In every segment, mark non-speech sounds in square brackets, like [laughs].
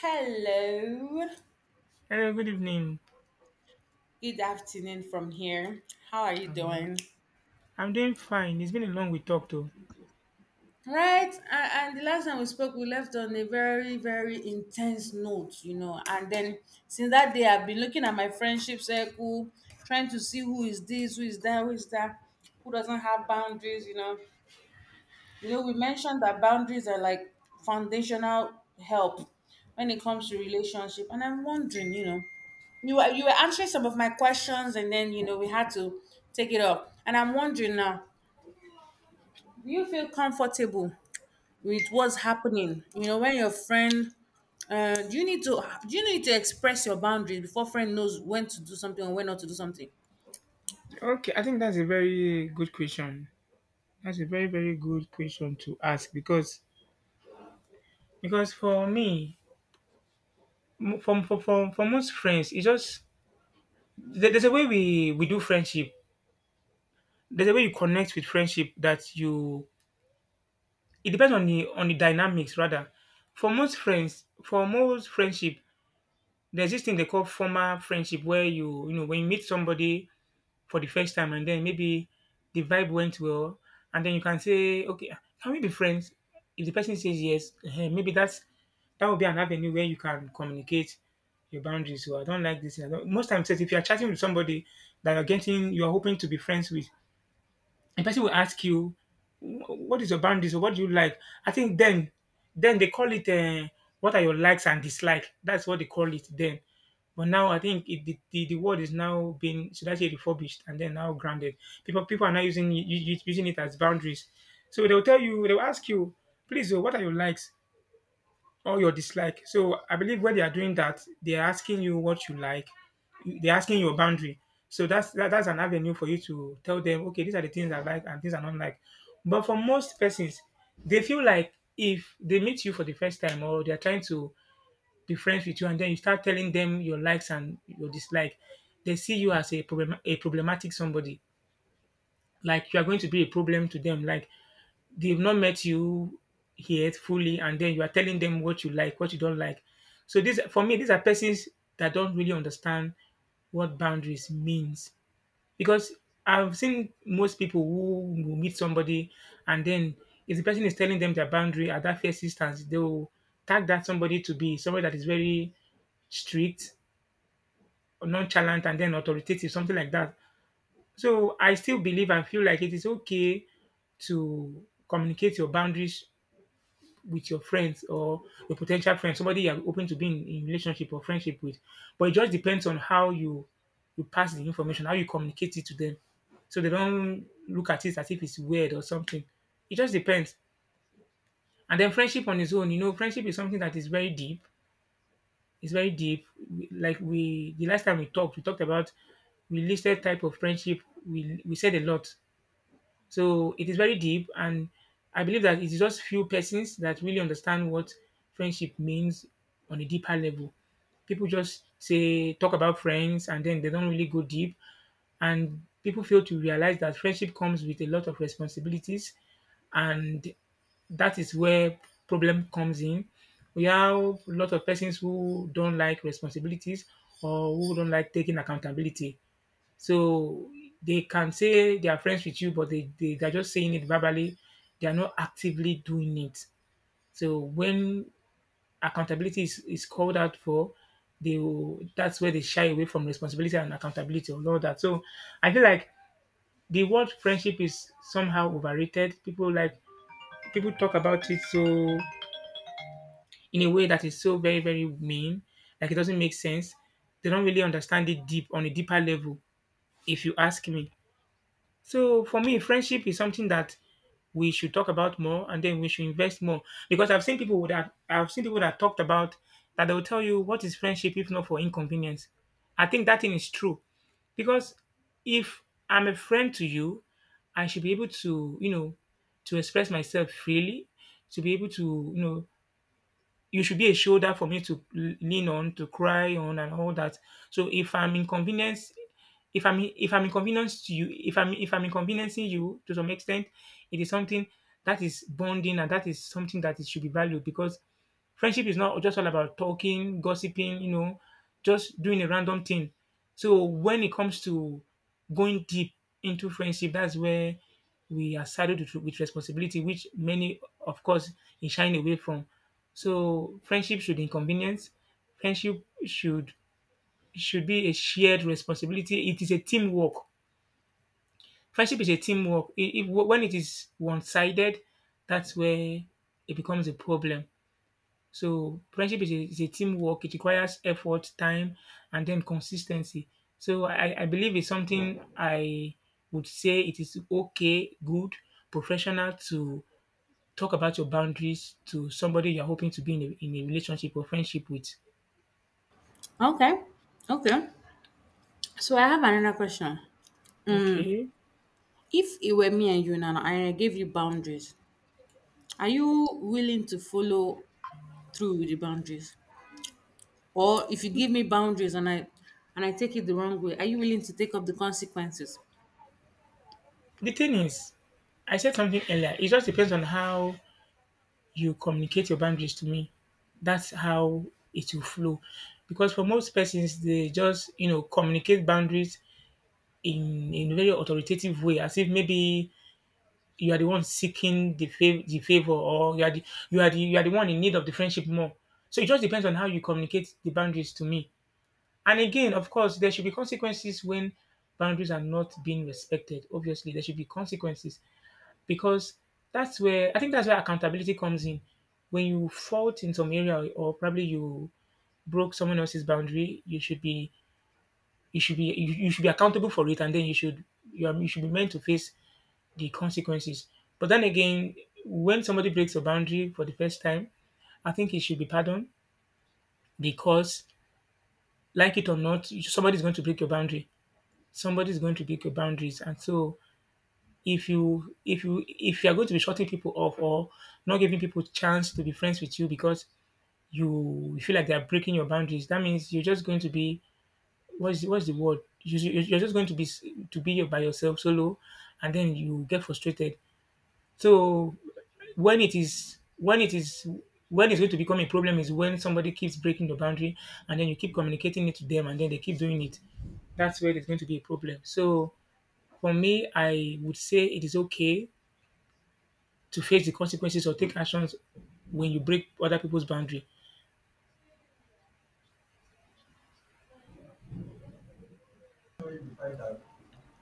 Hello. Hello, good evening. Good afternoon from here. How are you Uh, doing? I'm doing fine. It's been a long we talked to. Right. And the last time we spoke, we left on a very, very intense note, you know. And then since that day, I've been looking at my friendship circle, trying to see who is this, who is that, who is that, who doesn't have boundaries, you know. You know, we mentioned that boundaries are like foundational help when it comes to relationship. And I'm wondering, you know, you were answering some of my questions, and then you know we had to take it up. And I'm wondering now, do you feel comfortable with what's happening, you know, when your friend do you need to express your boundaries before friend knows when to do something and when not to do something? Okay, I think that's a very good question. That's a very very good question to ask because for me, for most friends, it's just there's a way we do friendship. There's a way you connect with friendship that you. It depends on the dynamics rather. For most friends, for most friendship, there's this thing they call formal friendship where you know when you meet somebody for the first time and then maybe the vibe went well and then you can say okay can we be friends if the person says yes maybe that would be an avenue where you can communicate your boundaries so I don't like this I don't, most times if you're chatting with somebody that you're getting you're hoping to be friends with a person will ask you, "What is your boundaries? Or what do you like?" I think then they call it, "What are your likes and dislikes?" That's what they call it then. But now I think it, the, the word is now being should I say refurbished and then now grounded. People are now using using it as boundaries. So they'll tell you, they'll ask you, "Please, oh, what are your likes?" or your dislike. So I believe where they are doing that, they are asking you what you like. They're asking your boundary. So that's an avenue for you to tell them, okay, these are the things I like and things I don't like. But for most persons, they feel like if they meet you for the first time or they're trying to be friends with you and then you start telling them your likes and your dislike, they see you as a problem a problematic somebody. Like you are going to be a problem to them. Like they've not met you yet fully, and then you are telling them what you like, what you don't like. So these for me, these are persons that don't really understand what boundaries means. Because I've seen most people who will meet somebody and then if the person is telling them their boundary at that first instance, they will tag that somebody to be somebody that is very strict, nonchalant, and then authoritative, something like that. So I still believe and feel like it is okay to communicate your boundaries with your friends or your potential friends, somebody you're open to being in relationship or friendship with. But it just depends on how you pass the information, how you communicate it to them. So they don't look at it as if it's weird or something. It just depends. And then friendship on its own, you know, friendship is something that is very deep. It's very deep. Like we the last time we talked about we listed type of friendship. We said a lot. So it is very deep, and I believe that it is just few persons that really understand what friendship means on a deeper level. People just say talk about friends, and then they don't really go deep, and people fail to realize that friendship comes with a lot of responsibilities, and that is where problem comes in. We have a lot of persons who don't like responsibilities or who don't like taking accountability so they can say they are friends with you, but they, they're just saying it verbally. They are not actively doing it. So when accountability is called out for, they will, that's where they shy away from responsibility and accountability and all that. So I feel like the word friendship is somehow overrated. People like people talk about it so in a way that is so very, very mean, like it doesn't make sense. They don't really understand it deep on a deeper level, if you ask me. So for me, friendship is something that we should talk about more, and then we should invest more because I've seen people that talked about that they will tell you what is friendship if not for inconvenience. I think that thing is true because if I'm a friend to you, I should be able to you know to express myself freely, to be able to you know you should be a shoulder for me to lean on, to cry on, and all that. So if I'm inconvenienced, if I'm inconvenienced to you, if I'm inconveniencing you to some extent, it is something that is bonding and that is something that it should be valued because friendship is not just all about talking, gossiping, you know, just doing a random thing. So when it comes to going deep into friendship, that's where we are saddled with responsibility, which many, of course, is shying away from. So friendship should inconvenience. Friendship should be a shared responsibility. It is a teamwork. Friendship is a teamwork. When it is one-sided, that's where it becomes a problem. So friendship is a teamwork. It requires effort, time, and then consistency. So I believe it's something I would say it is okay, good, professional to talk about your boundaries to somebody you're hoping to be in a relationship or friendship with. Okay, okay, so I have another question. Okay. If it were me and you now and I gave you boundaries, are you willing to follow through with the boundaries? Or if you give me boundaries and I take it the wrong way, are you willing to take up the consequences? The thing is, I said something earlier. It just depends on how you communicate your boundaries to me. That's how it will flow. Because for most persons, they just you know communicate boundaries in a very authoritative way, as if maybe you are the one seeking the the favor, or you are the one in need of the friendship more. So it just depends on how you communicate the boundaries to me. And again, of course, there should be consequences when boundaries are not being respected. Obviously, there should be consequences, because that's where I think that's where accountability comes in. When you fault in some area or probably you broke someone else's boundary, you should be accountable for it, and then you should be meant to face the consequences. But then again, when somebody breaks a boundary for the first time, I think it should be pardoned because, like it or not, somebody's going to break your boundary. Somebody's going to break your boundaries, and so if you if you are going to be shutting people off or not giving people chance to be friends with you because you feel like they are breaking your boundaries, that means you're just going to be what's the word? You're just going to be to be by yourself solo, and then you get frustrated. So when it is when it's going to become a problem is when somebody keeps breaking the boundary and then you keep communicating it to them and then they keep doing it that's where there's going to be a problem. So for me, I would say it is okay to face the consequences or take actions when you break other people's boundary.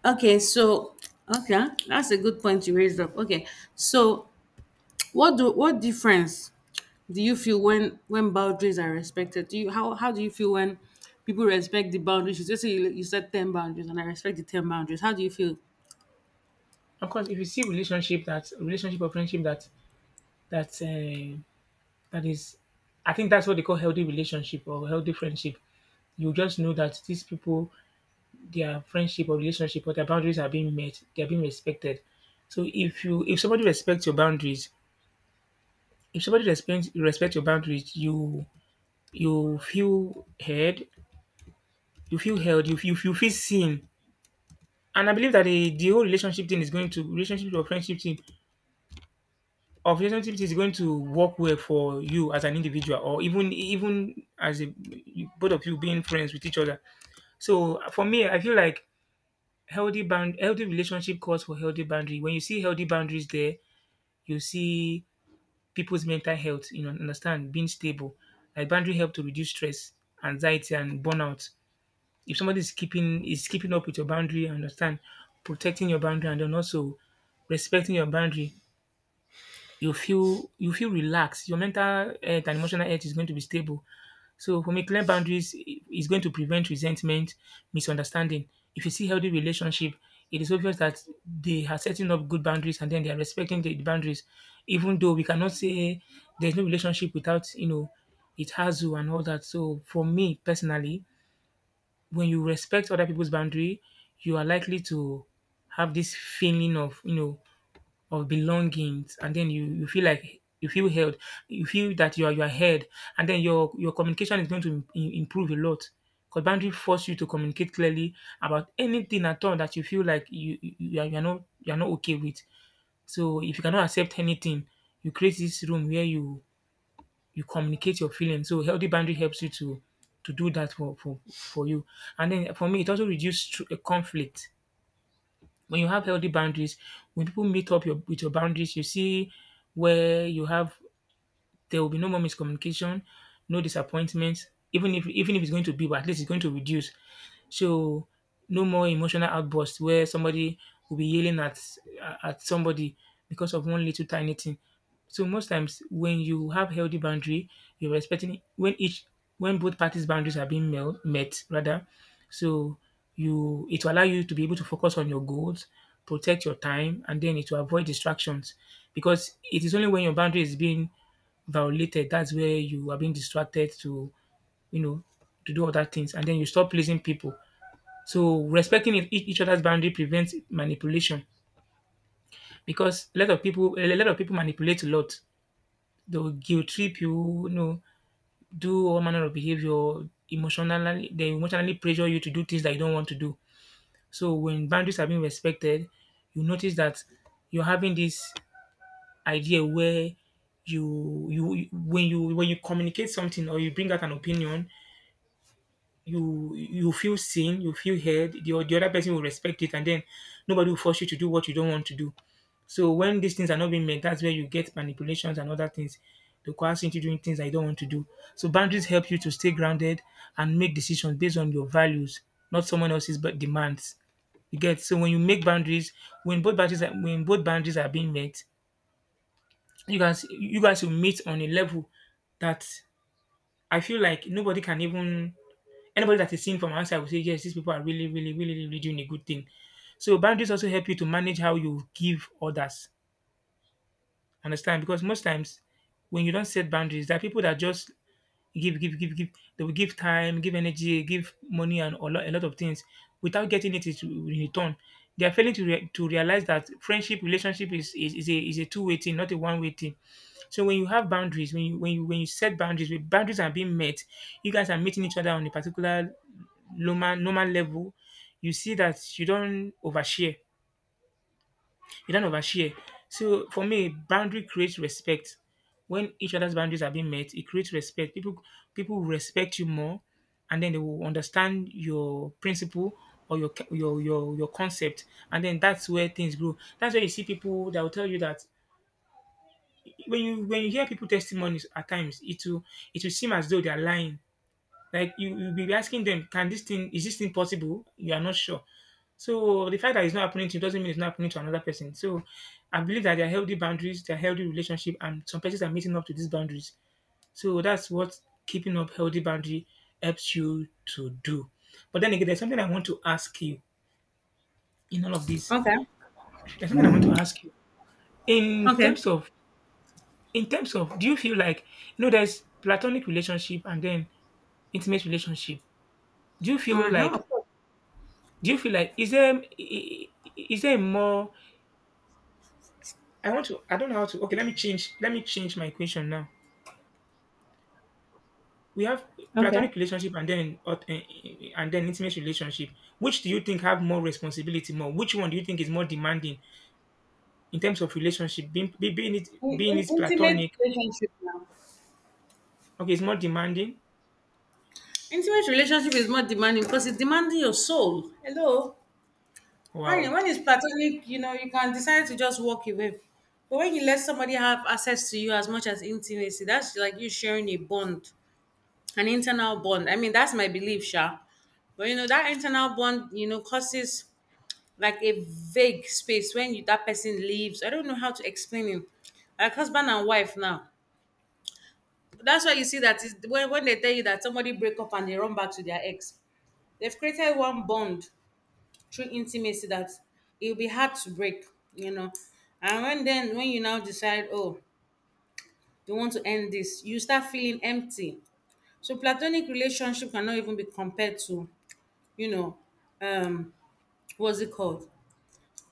Okay, so okay, huh? That's a good point you raised up. Okay. So what difference do you feel when boundaries are respected? Do you, how do you feel when people respect the boundaries? You just say you set 10 boundaries and I respect the 10 boundaries. How do you feel? Of course, if you see relationship or friendship that that uh, that is, I think that's what they call healthy relationship or healthy friendship. You just know that these people, their friendship or relationship or their boundaries are being met, they are being respected. So if you if somebody respects your boundaries, if somebody respects respect your boundaries, you feel heard, you feel held, you feel seen. And I believe that the whole relationship thing is going to relationship or friendship thing or relationship thing is going to work well for you as an individual or even even as a both of you being friends with each other. So for me, I feel like healthy relationship calls for healthy boundary. When you see healthy boundaries there, you see people's mental health, you know, understand being stable. Like boundary help to reduce stress, anxiety, and burnout. If somebody is keeping up with your boundary and understand protecting your boundary and then also respecting your boundary, you feel relaxed. Your mental health and emotional health is going to be stable. So for me, clear boundaries is going to prevent resentment, misunderstanding. If you see healthy relationship, it is obvious that they are setting up good boundaries, and then they are respecting the boundaries. Even though we cannot say there's no relationship without, it has you and all that. So for me personally, when you respect other people's boundary, you are likely to have this feeling of, of belongings. And then you feel held, you feel that you are held, and then your communication is going to improve a lot. Because boundary force you to communicate clearly about anything at all that you feel like you, you are not okay with. So if you cannot accept anything, you create this room where you communicate your feelings. So healthy boundary helps you to do that for you. And then for me, it also reduces a conflict. When you have healthy boundaries, when people meet up with your boundaries, you see where you have there will be no more miscommunication, no disappointment. Even if it's going to be, but at least it's going to reduce. So, no more emotional outbursts where somebody will be yelling at somebody because of one little tiny thing. So most times when you have healthy boundary, you're respecting when both parties' boundaries are being met rather. So you it will allow you to be able to focus on your goals, protect your time, and then it will avoid distractions. Because it is only when your boundary is being violated, that's where you are being distracted to, you know to do other things, and then you stop pleasing people. So respecting each other's boundary prevents manipulation, because a lot of people manipulate a lot. They'll guilt trip you, do all manner of behavior emotionally. They emotionally pressure you to do things that you don't want to do. So when boundaries are being respected, you notice that you're having this idea where you when you when you communicate something or you bring out an opinion, you feel seen, you feel heard, the other person will respect it, and then nobody will force you to do what you don't want to do. So when these things are not being met, that's where you get manipulations and other things. They coerce you into doing things that you don't want to do. So boundaries help you to stay grounded and make decisions based on your values, not someone else's but demands. You get. So when you make boundaries, when both boundaries are being met, you guys will meet on a level that I feel like nobody can even anybody that is seeing from outside will say, yes, these people are really, really, really, really doing a good thing. So boundaries also help you to manage how you give others. Understand? Because most times when you don't set boundaries, there are people that just give, give, give, give. They will give time, give energy, give money, and a lot of things without getting it in return. They are failing to to realize that friendship, relationship is a two-way thing, not a one way thing. So when you have boundaries, when you set boundaries, when boundaries are being met, you guys are meeting each other on a particular normal level. You see that you don't overshare. So for me, boundary creates respect. When each other's boundaries are being met, it creates respect. People respect you more, and then they will understand your principle or your concept, and then that's where things grow. That's where you see people that will tell you that when you hear people testimonies at times, it will seem as though they are lying. Like you'll be asking them, can this thing is this thing possible? You are not sure. So the fact that it's not happening to you doesn't mean it's not happening to another person. So I believe that there are healthy boundaries, there are healthy relationship, and some persons are meeting up to these boundaries. So that's what keeping up healthy boundary helps you to do. But then again, there's something I want to ask you in all of this. Okay. There's something I want to ask you in Okay. terms of do you feel like, there's platonic relationship and then intimate relationship. Do you feel Uh-huh, like of course. Do you feel like, is there more? I don't know how to. Okay, let me change my equation now. We have Okay. platonic relationship, and then and then intimate relationship. Which do you think have more responsibility more? Which one do you think is more demanding in terms of relationship? Being being it being it Intimate platonic. relationship now. Okay, it's more demanding. Intimate relationship is more demanding because it's demanding your soul. Hello. Wow. When it's platonic, you know, you can decide to just walk away. But when you let somebody have access to you as much as intimacy, that's like you sharing a bond, an internal bond. I mean, that's my belief, Sha. But you know, that internal bond, you know, causes like a vague space when you that person leaves. I don't know how to explain it. Like husband and wife now. That's why you see that is when they tell you that somebody break up and they run back to their ex. They've created one bond through intimacy that it'll be hard to break, you know. And when then when you now decide, oh, you want to end this, you start feeling empty. So platonic relationship cannot even be compared to, you know, um, what's it called?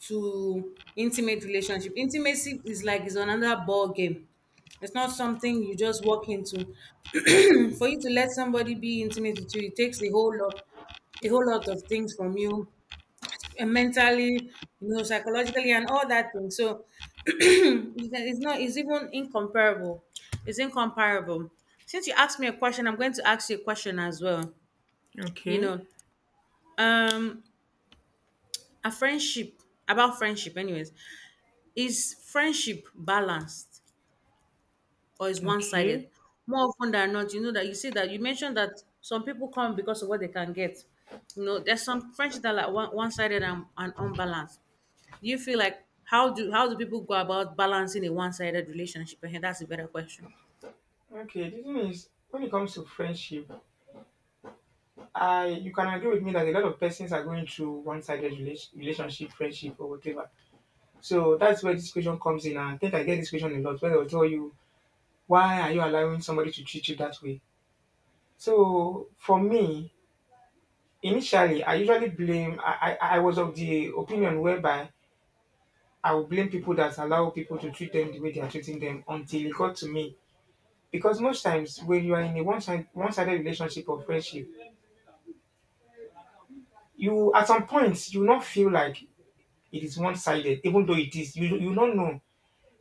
To intimate relationship. Intimacy is like it's another ball game. It's not something you just walk into. [clears throat] For you to let somebody be intimate with you, it takes a whole lot of things from you, eh, mentally, you know, psychologically, and all that thing. So it's not. It's even incomparable. It's incomparable. Since you asked me a question, I'm going to ask you a question as well. You Okay. know, um, a friendship, about friendship. Anyways, is friendship balanced or is one sided? Okay. More often than not, you know that you see that you mentioned that some people come because of what they can get. You know, there's some friendship that are like one sided and, unbalanced. Do you feel like, how do people go about balancing a one sided relationship? And that's a better question. Okay, the thing is, when it comes to friendship, I you can agree with me that a lot of persons are going through one-sided relationship, friendship, or whatever. So that's where this question comes in. And I think I get this question a lot where they'll tell you, why are you allowing somebody to treat you that way? So for me, initially, I usually blame, I was of the opinion whereby I would blame people that allow people to treat them the way they are treating them, until it got to me. Because most times when you are in a one-sided relationship or friendship, you at some point you will not feel like it is one-sided, even though it is. You don't know,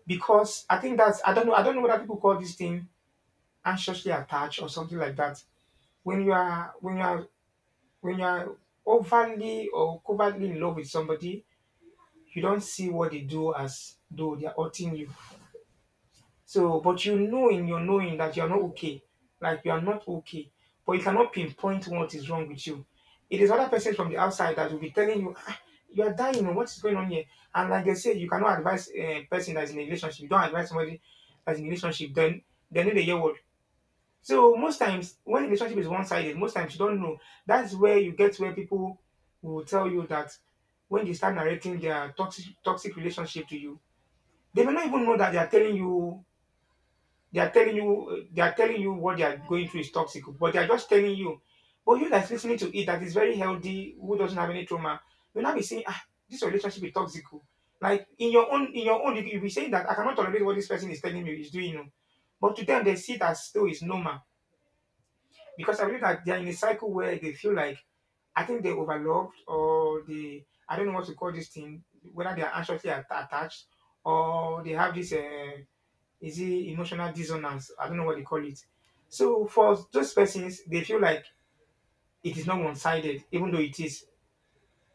because I think that's I don't know what people call this thing, anxiously attached or something like that. When you are overly or covertly in love with somebody, you don't see what they do as though they are hurting you. So, but in your knowing that you are not okay, like you are not okay, but you cannot pinpoint what is wrong with you. It is other person from the outside that will be telling you, ah, you are dying, oh, what is going on here. And like they say, you cannot advise a person that is in a relationship. You don't advise somebody that's in a relationship, then they need a. So most times when relationship is one sided, most times you don't know. That's where you get where people will tell you that when they start narrating their toxic relationship to you, they may not even know that they are telling you what they are going through is toxic, but they are just telling you. But you that's listening to it, that is very healthy, who doesn't have any trauma, you'll not be saying, ah, this relationship is toxic. Oh. Like you'll be saying that I cannot tolerate what this person is telling me is doing. Oh. But to them they see it as still is normal, because I believe that they're in a cycle where they feel like, I think they're overloved, or they I don't know what to call this thing, whether they are anxiously attached, or they have this is it emotional dissonance, I don't know what they call it. So for those persons they feel like it is not one sided, even though it is.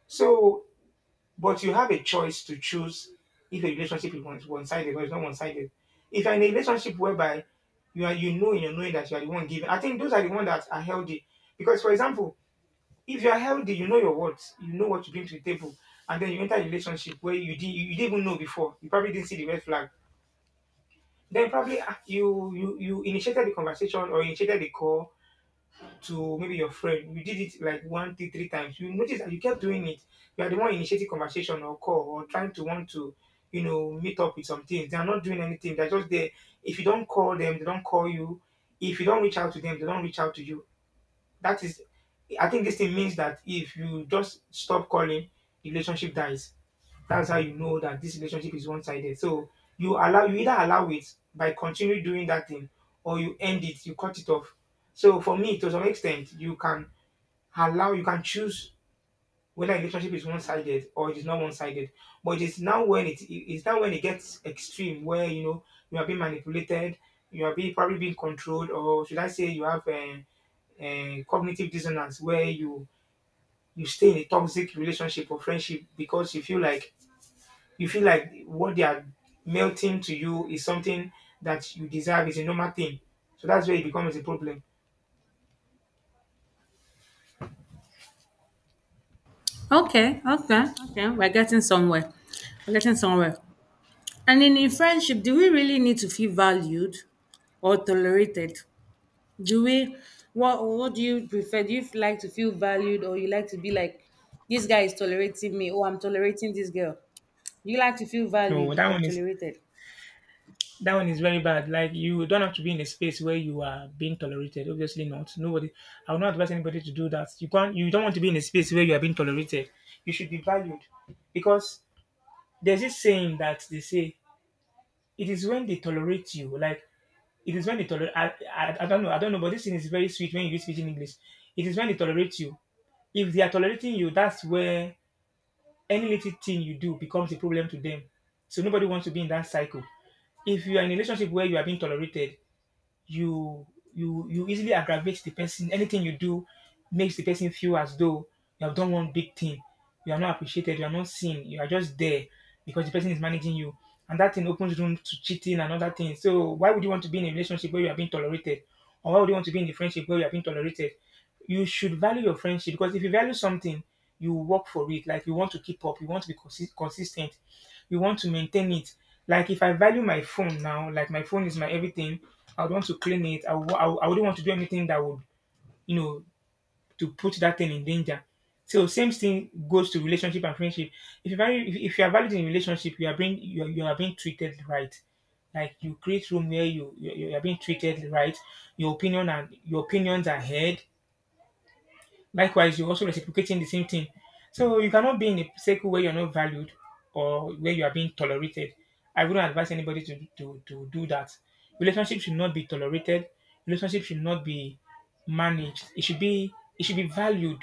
So, but you have a choice to choose if a relationship is one sided or it's not one sided. If you're in a relationship whereby you are, in your knowing that you are the one giving, I think those are the ones that are healthy. Because for example, if you are healthy, you know your words, you know what you bring to the table, and then you enter a relationship where you didn't even know before. You probably didn't see the red flag. Then probably, you initiated the conversation or initiated the call to maybe your friend. You did it like one, two, three times. You notice that you kept doing it. You are the one initiating conversation or call or trying to want to, meet up with some things. They are not doing anything. They're just there. If you don't call them, they don't call you. If you don't reach out to them, they don't reach out to you, that is, I think this thing means that if you just stop calling, the relationship dies. That's how you know that this relationship is one sided. So you allow, you either allow it by continuing doing that thing, or you end it, you cut it off. So for me, to some extent, you can allow, you can choose whether a relationship is one-sided or it is not one-sided, but it is now when it is now when it gets extreme where you know you are being manipulated, you are being probably being controlled. Or should I say you have a cognitive dissonance where you stay in a toxic relationship or friendship because you feel like what they are melting to you is something that you deserve, is a normal thing. So that's where it becomes a problem. Okay, okay, okay. We're getting somewhere. We're getting somewhere. And in friendship, do we really need to feel valued or tolerated? Do we, what do you prefer? Do you like to feel valued, or you like to be like this guy is tolerating me or I'm tolerating this girl? You like to feel No valued that or one is tolerated? That one is very bad. Like you don't have to be in a space where you are being tolerated. Obviously not. Nobody. I would not advise anybody to do that. You can't. You don't want to be in a space where you are being tolerated. You should be valued, because there's this saying that they say, it is when they tolerate you. Like it is when they tolerate. I don't know. I don't know. But this thing is very sweet when you speak in English. It is when they tolerate you. If they are tolerating you, that's where any little thing you do becomes a problem to them. So nobody wants to be in that cycle. If you are in a relationship where you are being tolerated, you you easily aggravate the person. Anything you do makes the person feel as though you have done one big thing. You are not appreciated. You are not seen. You are just there because the person is managing you, and that thing opens room to cheating and other things. So why would you want to be in a relationship where you are being tolerated, or why would you want to be in a friendship where you are being tolerated? You should value your friendship, because if you value something, you work for it. Like you want to keep up, you want to be consistent, you want to maintain it. Like if I value my phone now, like my phone is my everything, I would want to claim it. I wouldn't want to do anything that would, you know, to put that thing in danger. So same thing goes to relationship and friendship. If you are valued in relationship, you are being treated right. Like you create room where you are being treated right, your opinion and your opinions are heard. Likewise, you're also reciprocating the same thing. So you cannot be in a circle where you're not valued or where you are being tolerated. I wouldn't advise anybody to do that. Relationship should not be tolerated. Relationship should not be managed. It should be valued.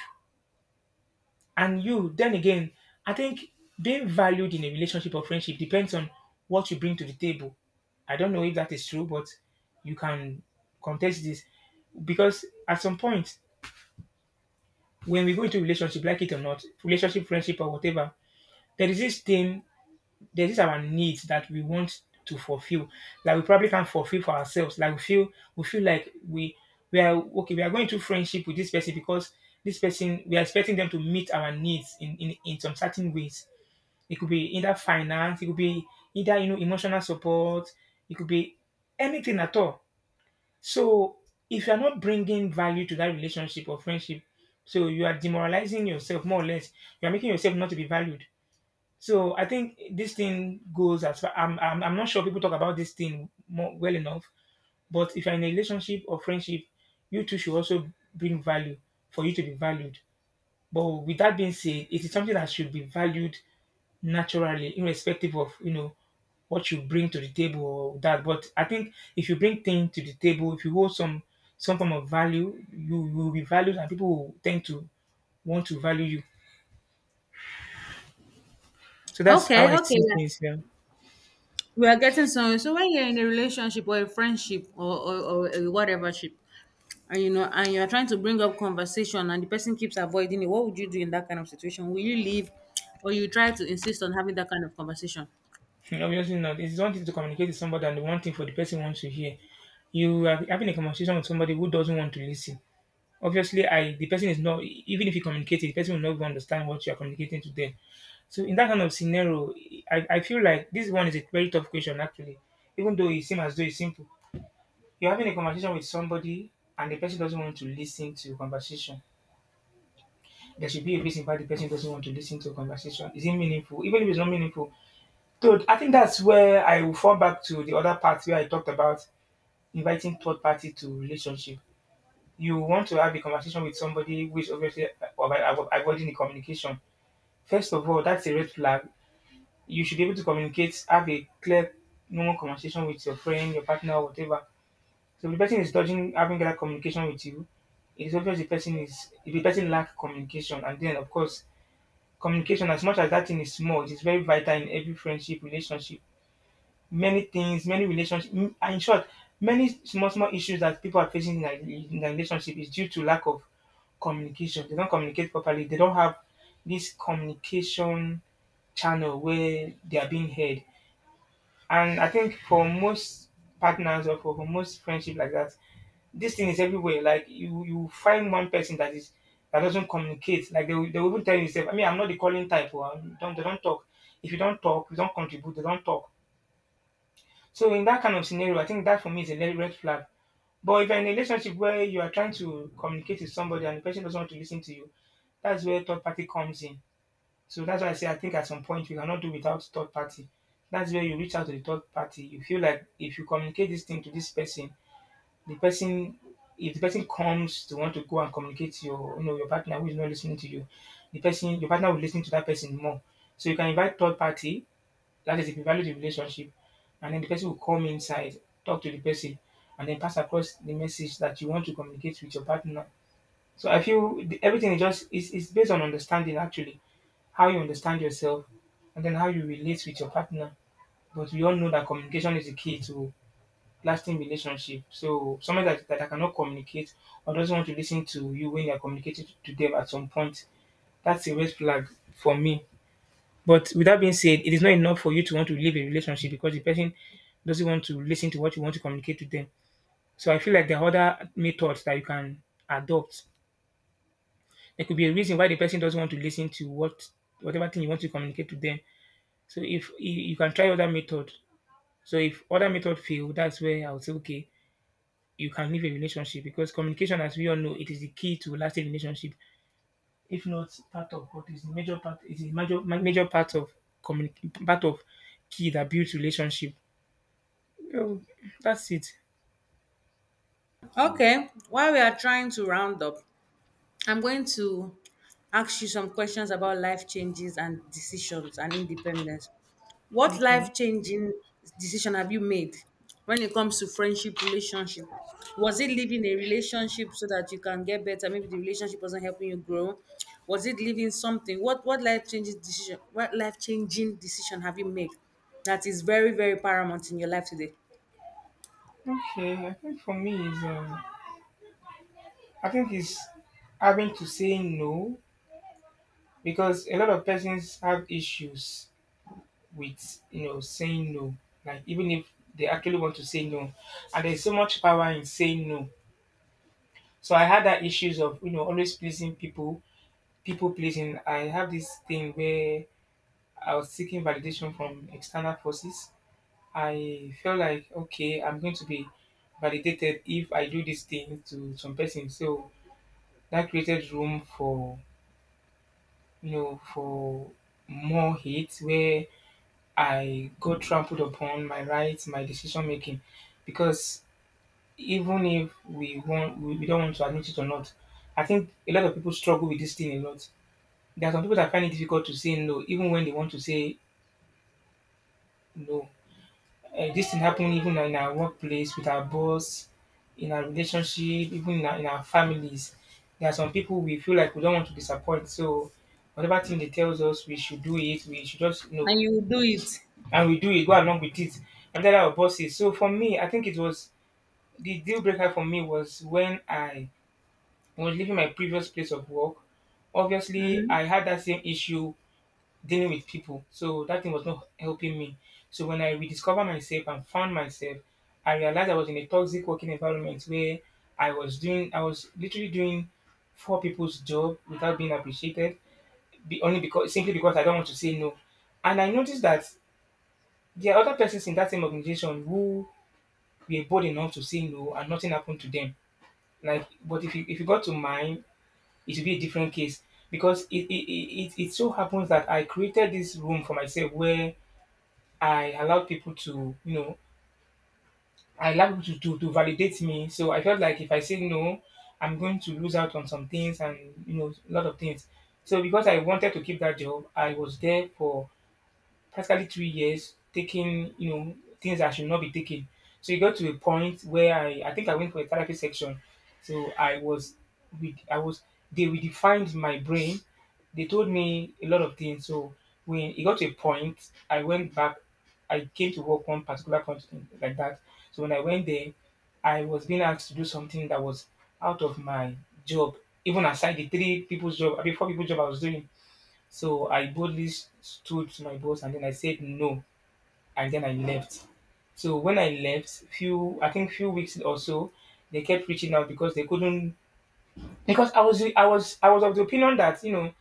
And you, then again, I think being valued in a relationship or friendship depends on what you bring to the table. I don't know if that is true, but you can contest this, because at some point when we go into relationship, like it or not, relationship, friendship, or whatever, there is this thing, there is our needs that we want to fulfill. Like we probably can't fulfill for ourselves. Like we feel, we feel like we are okay. We are going to friendship with this person because this person, we are expecting them to meet our needs in in some certain ways. It could be either finance, it could be either, you know, emotional support, it could be anything at all. So if you're not bringing value to that relationship or friendship, so you are demoralizing yourself, more or less. You are making yourself not to be valued. So I think this thing goes as far. I'm not sure people talk about this thing more well enough, but if you're in a relationship or friendship, you too should also bring value for you to be valued. But with that being said, it is something that should be valued naturally, irrespective of, you know, what you bring to the table or that. But I think if you bring things to the table, if you hold some form of value, you will be valued, and people will tend to want to value you. So that's Okay, how I okay, see yeah. things. Yeah. We are getting somewhere. So when you're in a relationship or a friendship or a whatever ship, and you know, and you are trying to bring up conversation and the person keeps avoiding it, what would you do in that kind of situation? Will you leave or you try to insist on having that kind of conversation? [laughs] Hmm, obviously not. It's one thing to communicate with somebody, and the one thing for the person wants to hear. You are having a conversation with somebody who doesn't want to listen. Obviously, I the person is, not even if you communicate it, the person will not even understand what you are communicating to them. So in that kind of scenario, I feel like this one is a very tough question actually. Even though it seems as though it's simple. You're having a conversation with somebody and the person doesn't want to listen to your conversation. There should be a reason why the person doesn't want to listen to your conversation. Is it meaningful? Even if it's not meaningful. So I think that's where I will fall back to the other part where I talked about inviting third party to relationship. You want to have a conversation with somebody which obviously avoiding the communication. First of all, that's a red flag. You should be able to communicate, have a clear, normal conversation with your friend, your partner, or whatever. So if the person is dodging having that communication with you, it's obvious the person is, if the person lack communication, and then of course communication, as much as that thing is small, it is very vital in every friendship relationship, many things, many relationships. In short, many small small issues that people are facing in their relationship is due to lack of communication. They don't communicate properly. They don't have this communication channel where they are being heard. And I think for most partners or for most friendship like that, this thing is everywhere. Like you find one person that is that doesn't communicate. Like they, they will even tell you, "I mean, I'm not the calling type. Or, don't they don't talk. If you don't talk, you don't contribute. They don't talk." So in that kind of scenario, I think that for me is a red flag. But if you're in a relationship where you are trying to communicate with somebody and the person doesn't want to listen to you, that's where third party comes in. So that's why I say I think at some point we cannot do without third party. That's where you reach out to the third party. You feel like if you communicate this thing to this person, the person, if the person comes to want to go and communicate to your, you know, your partner who is not listening to you, the person, your partner will listen to that person more. So you can invite third party, that is, if you value the relationship, and then the person will come inside, talk to the person, and then pass across the message that you want to communicate with your partner. So I feel the, everything is just is based on understanding actually, how you understand yourself, and then how you relate with your partner. But we all know that communication is the key to lasting relationship. So someone that cannot communicate or doesn't want to listen to you when you're communicating to them at some point, that's a red flag for me. But with that being said, it is not enough for you to want to leave a relationship because the person doesn't want to listen to what you want to communicate to them. So I feel like there are other methods that you can adopt. There could be a reason why the person doesn't want to listen to what whatever thing you want to communicate to them. So if you can try other method. So if other method fail, that's where I would say okay, you can leave a relationship because communication, as we all know, it is the key to lasting relationship. If not part of what is the major part, it is major major part of part of key that builds relationship. Oh, that's it. Okay, while we are trying to round up, I'm going to ask you some questions about life changes and decisions and independence. What life Okay. changing decision have you made when it comes to friendship, relationship? Was it leaving a relationship so that you can get better? Maybe the relationship wasn't helping you grow. Was it leaving something? What life changing decision? What life changing decision have you made that is very very paramount in your life today? Okay, I think for me is I think is having to say no, because a lot of persons have issues with, you know, saying no. Like even if they actually want to say no, and there's so much power in saying no. So I had that issues of, you know, always pleasing people, people pleasing. I have this thing where I was seeking validation from external forces. I felt like okay, I'm going to be validated if I do this thing to some person. So that created room for, you know, for more hate where I got trampled upon my rights, my decision making. Because even if we want we don't want to admit it or not, I think a lot of people struggle with this thing a lot. There are some people that find it difficult to say no, even when they want to say no. This thing happened even in our workplace, with our boss, in our relationship, even in our families. There are some people we feel like we don't want to disappoint. So whatever thing they tells us we should do it, we should just. And you will do it. And we do it, go along with it. And that our boss is. So for me, I think it was the deal breaker for me was when I was leaving my previous place of work. Obviously, I had that same issue dealing with people. So that thing was not helping me. So when I rediscovered myself and found myself, I realized I was in a toxic working environment where I was literally doing four people's job without being appreciated, be, only because simply because I don't want to say no. And I noticed that there are other persons in that same organization who were bold enough to say no, and nothing happened to them. Like, but if you got to mine, it would be a different case because it so happens that I created this room for myself where I allowed people to, you know, I allowed people to validate me. So I felt like if I say no, I'm going to lose out on some things and, you know, a lot of things. So because I wanted to keep that job, I was there for practically 3 years taking, you know, things I should not be taking. So it got to a point where I think I went for a therapy section. So I was with I was they redefined my brain. They told me a lot of things. So when it got to a point, I went back. I came to work one particular company like that. So when I went there, I was being asked to do something that was out of my job, even aside the three people's job, I mean four people's job I was doing. So I boldly stood to my boss, and then I said no, and then I left. So when I left, few I think few weeks or so, they kept reaching out because they couldn't, because I was of the opinion that you know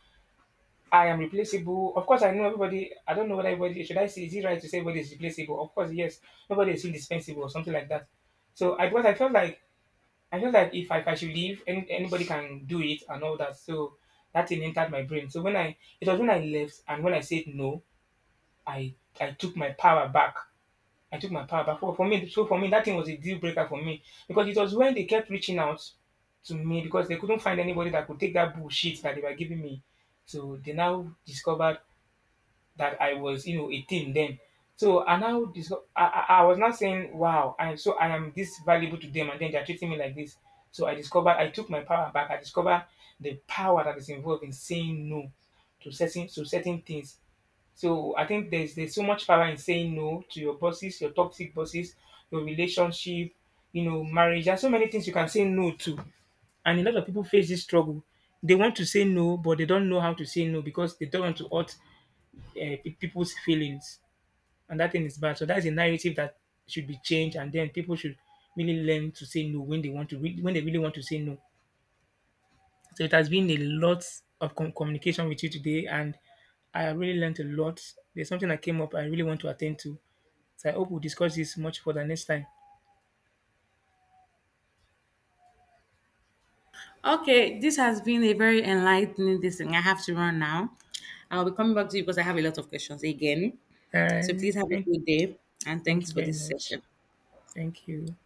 I am replaceable. Of course, I know everybody. I don't know whether everybody, should I say, is it right to say everybody is replaceable? Of course, yes. Nobody is indispensable or something like that. So I felt like if I should leave, any, anybody can do it and all that. So that thing entered my brain. So when I it was when I left and when I said no, I I took my power back. I took my power back. For me, that thing was a deal breaker for me because it was when they kept reaching out to me because they couldn't find anybody that could take that bullshit that they were giving me. So they now discovered that I was, you know, 18 then. So I was now saying, wow, I, so I am this valuable to them, and then they're treating me like this. So I discovered I took my power back. I discovered the power that is involved in saying no to certain things. So I think there's so much power in saying no to your bosses, your toxic bosses, your relationship, you know, marriage. There's so many things you can say no to. And a lot of people face this struggle. They want to say no, but they don't know how to say no because they don't want to hurt people's feelings. And that thing is bad. So that's a narrative that should be changed. And then people should really learn to say no when they want to, when they really want to say no. So it has been a lot of communication with you today, and I have really learned a lot. There's something that came up I really want to attend to. So I hope we'll discuss this much further next time. Okay, this has been a very enlightening this thing. I have to run now. I'll be coming back to you because I have a lot of questions again. So Uh, please have a thank, good day and Thank thanks you for very this much. session. Thank you.